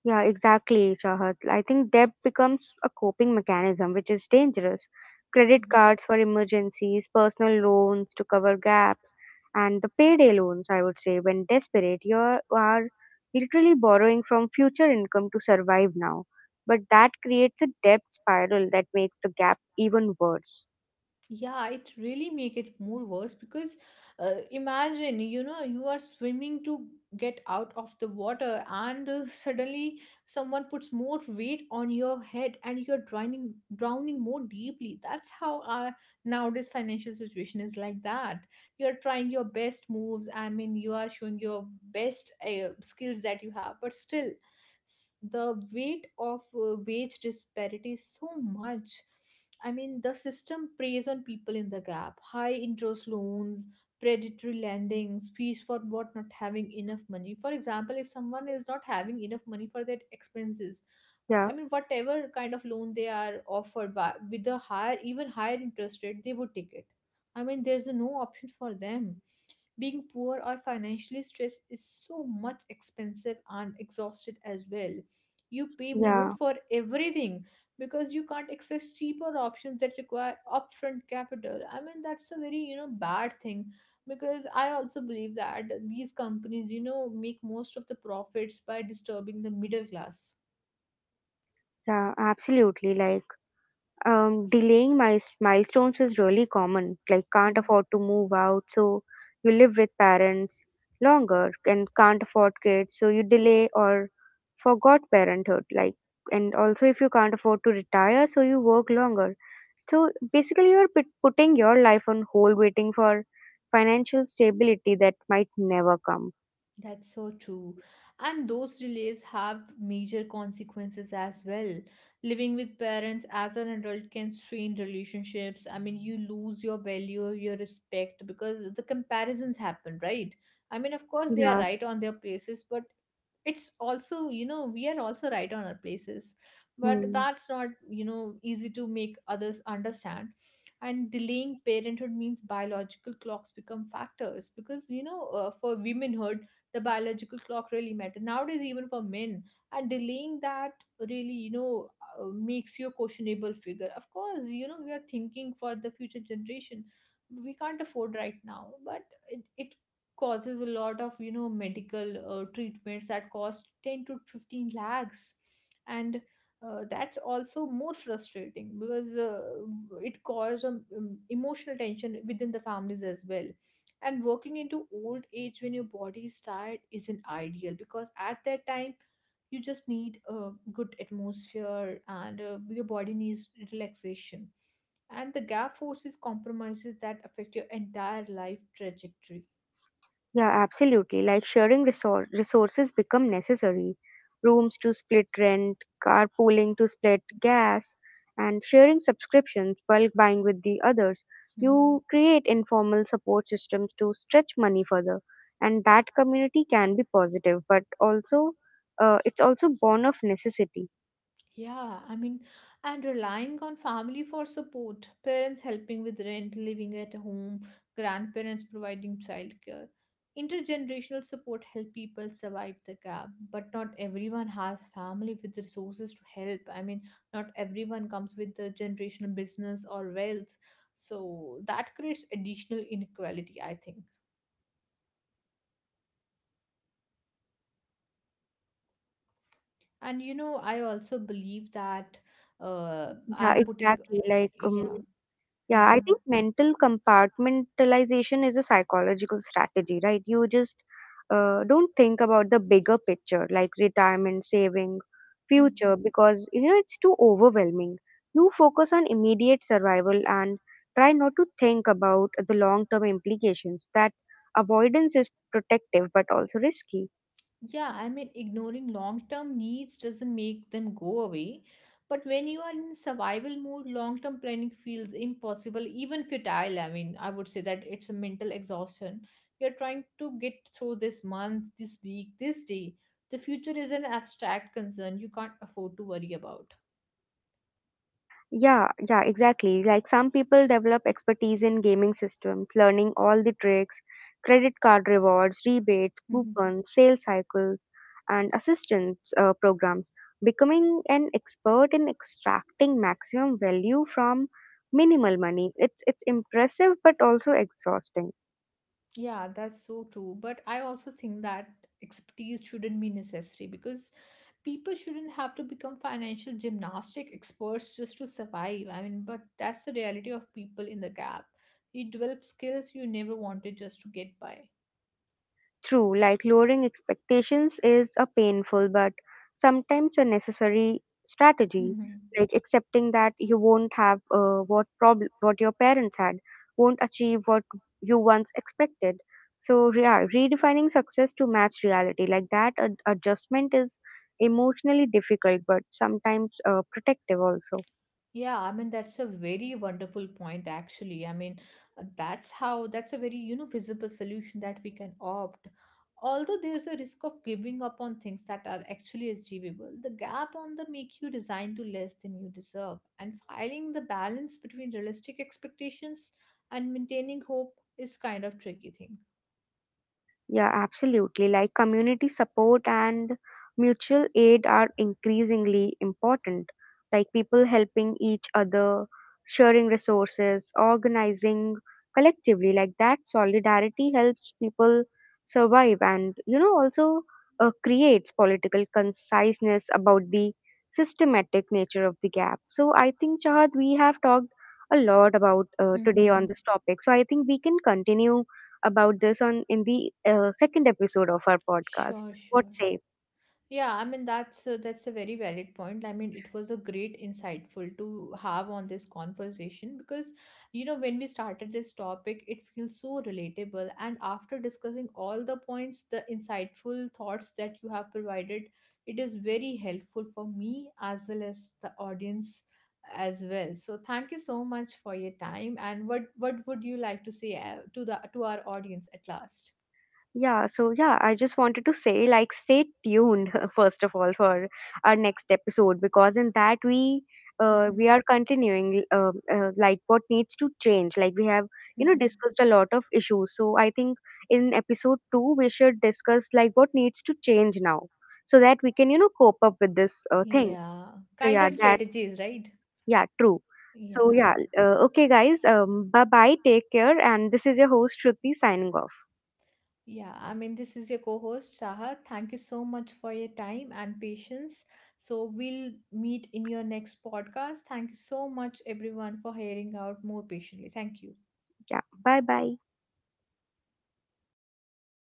Yeah, exactly, Chahat. I think debt becomes a coping mechanism, which is dangerous. Credit Mhm. cards for emergencies, personal loans to cover gaps, and the payday loans, I would say, when desperate, you are literally borrowing from future income to survive now. But that creates a debt spiral that makes the gap even worse. Yeah, it really make it more worse because imagine, you know, you are swimming to get out of the water and suddenly someone puts more weight on your head and you're drowning more deeply. That's how our nowadays financial situation is like that. You're trying your best moves. I mean, you are showing your best skills that you have, but still the weight of wage disparity is so much. I mean, the system preys on people in the gap. High interest loans, predatory lendings, fees for what not having enough money. For example, if someone is not having enough money for their expenses, Yeah, I mean, whatever kind of loan they are offered by, with a higher, even higher interest rate, they would take it. I mean, there's no option for them. Being poor or financially stressed is so much expensive and exhausted as well. You pay more yeah, for everything because you can't access cheaper options that require upfront capital. I mean, that's a very, you know, bad thing, because I also believe that these companies, you know, make most of the profits by disturbing the middle class. yeah, absolutely. Like, delaying my milestones is really common. Like, can't afford to move out, so you live with parents longer, and can't afford kids, so you delay or forgot parenthood. Like, and also if you can't afford to retire, so you work longer. So basically, you're putting your life on hold, waiting for financial stability that might never come. That's so true. And those delays have major consequences as well. Living with parents as an adult can strain relationships. I mean, you lose your value, your respect because the comparisons happen, right? I mean, of course, they are Yeah. right on their places, but it's also, you know, we are also right on our places. But Hmm. that's not, you know, easy to make others understand. And delaying parenthood means biological clocks become factors, because you know, for women her the biological clock really matter nowadays, even for men. And delaying that really, you know, makes you a questionable figure. Of course, you know, we are thinking for the future generation. We can't afford right now, but it causes a lot of, you know, medical treatments that cost 10 to 15 lakhs. And that's also more frustrating because it causes emotional tension within the families as well. And working into old age when your body is tired isn't ideal, because at that time you just need a good atmosphere and your body needs relaxation. And the gap forces compromises that affect your entire life trajectory. Yeah, absolutely. Like sharing resources become necessary. Rooms to split rent, carpooling to split gas, and sharing subscriptions, bulk buying with the others. Mhm. You create informal support systems to stretch money further, and that community can be positive, but also it's also born of necessity. Yeah, I mean, and relying on family for support, parents helping with rent, living at home, grandparents providing childcare. Intergenerational support help people survive the gap, but not everyone has family with the resources to help. I mean, not everyone comes with the generational business or wealth. So that creates additional inequality, I think. And you know, I also believe that Yeah, I'm putting, exactly. Yeah. Yeah, I Mhm. think mental compartmentalization is a psychological strategy, right? You just don't think about the bigger picture, like retirement, saving, Mhm. future, because you know it's too overwhelming. You focus on immediate survival and try not to think about the long-term implications. That avoidance is protective but also risky. Yeah, I mean, ignoring long term needs doesn't make them go away. But when you are in survival mode, long term planning feels impossible, even futile. I mean, I would say that it's a mental exhaustion. You're trying to get through this month, this week, this day. The future is an abstract concern you can't afford to worry about. Yeah, yeah, exactly. Like some people develop expertise in gaming systems, learning all the tricks, credit card rewards, rebates, Mm-hmm. coupons, sales cycles, and assistance programs, becoming an expert in extracting maximum value from minimal money. It's impressive but also exhausting. Yeah, that's so true. But I also think that expertise shouldn't be necessary because people shouldn't have to become financial gymnastic experts just to survive. I mean, but that's the reality of people in the gap. You develop skills you never wanted just to get by. True, like lowering expectations is a painful but sometimes a necessary strategy. Hmm. Like accepting that you won't have what your parents had, won't achieve what you once expected. So yeah, redefining success to match reality, like that adjustment is emotionally difficult but sometimes protective also. Yeah, I mean, that's a very wonderful point, actually. I mean, that's a very, you know, visible solution that we can opt. Although there's a risk of giving up on things that are actually achievable, the gap on the make you resign to less than you deserve. And finding the balance between realistic expectations and maintaining hope is kind of tricky thing. Yeah, absolutely. Like community support and mutual aid are increasingly important. Like people helping each other, sharing resources, organizing collectively. Like that solidarity helps people survive and, also creates political conciseness about the systematic nature of the gap. So I think, Chahad, we have talked a lot about today on Hmm. this topic. So I think we can continue about this on in the second episode of our podcast. Sure, What sure. say? Yeah, I mean that's a very valid point. I mean it was a great insightful to have on this conversation, because you know, when we started this topic it feels so relatable, and after discussing all the points the insightful thoughts that you have provided, it is very helpful for me as well as the audience as well. So thank you so much for your time. And what would you like to say to the to our audience at last? Yeah, so yeah, I just wanted to say, like stay tuned first of all for our next episode, because in that Mhm. we are continuing like what needs to change. Like we have Mhm. discussed a lot of issues. So I think in episode 2 we should discuss like what needs to change now so that we can cope up with this thing. Yeah, So kind yeah, of that strategies, right? yeah, true. Yeah, So, yeah. yeah, okay, guys, bye bye, take care. And this is your host, Shruti, signing off. Yeah, I mean, this is your co-host, Saha. Thank you so much for your time and patience. So we'll meet in your next podcast. Thank you so much, everyone, for hearing out more patiently. Thank you. Yeah, bye bye.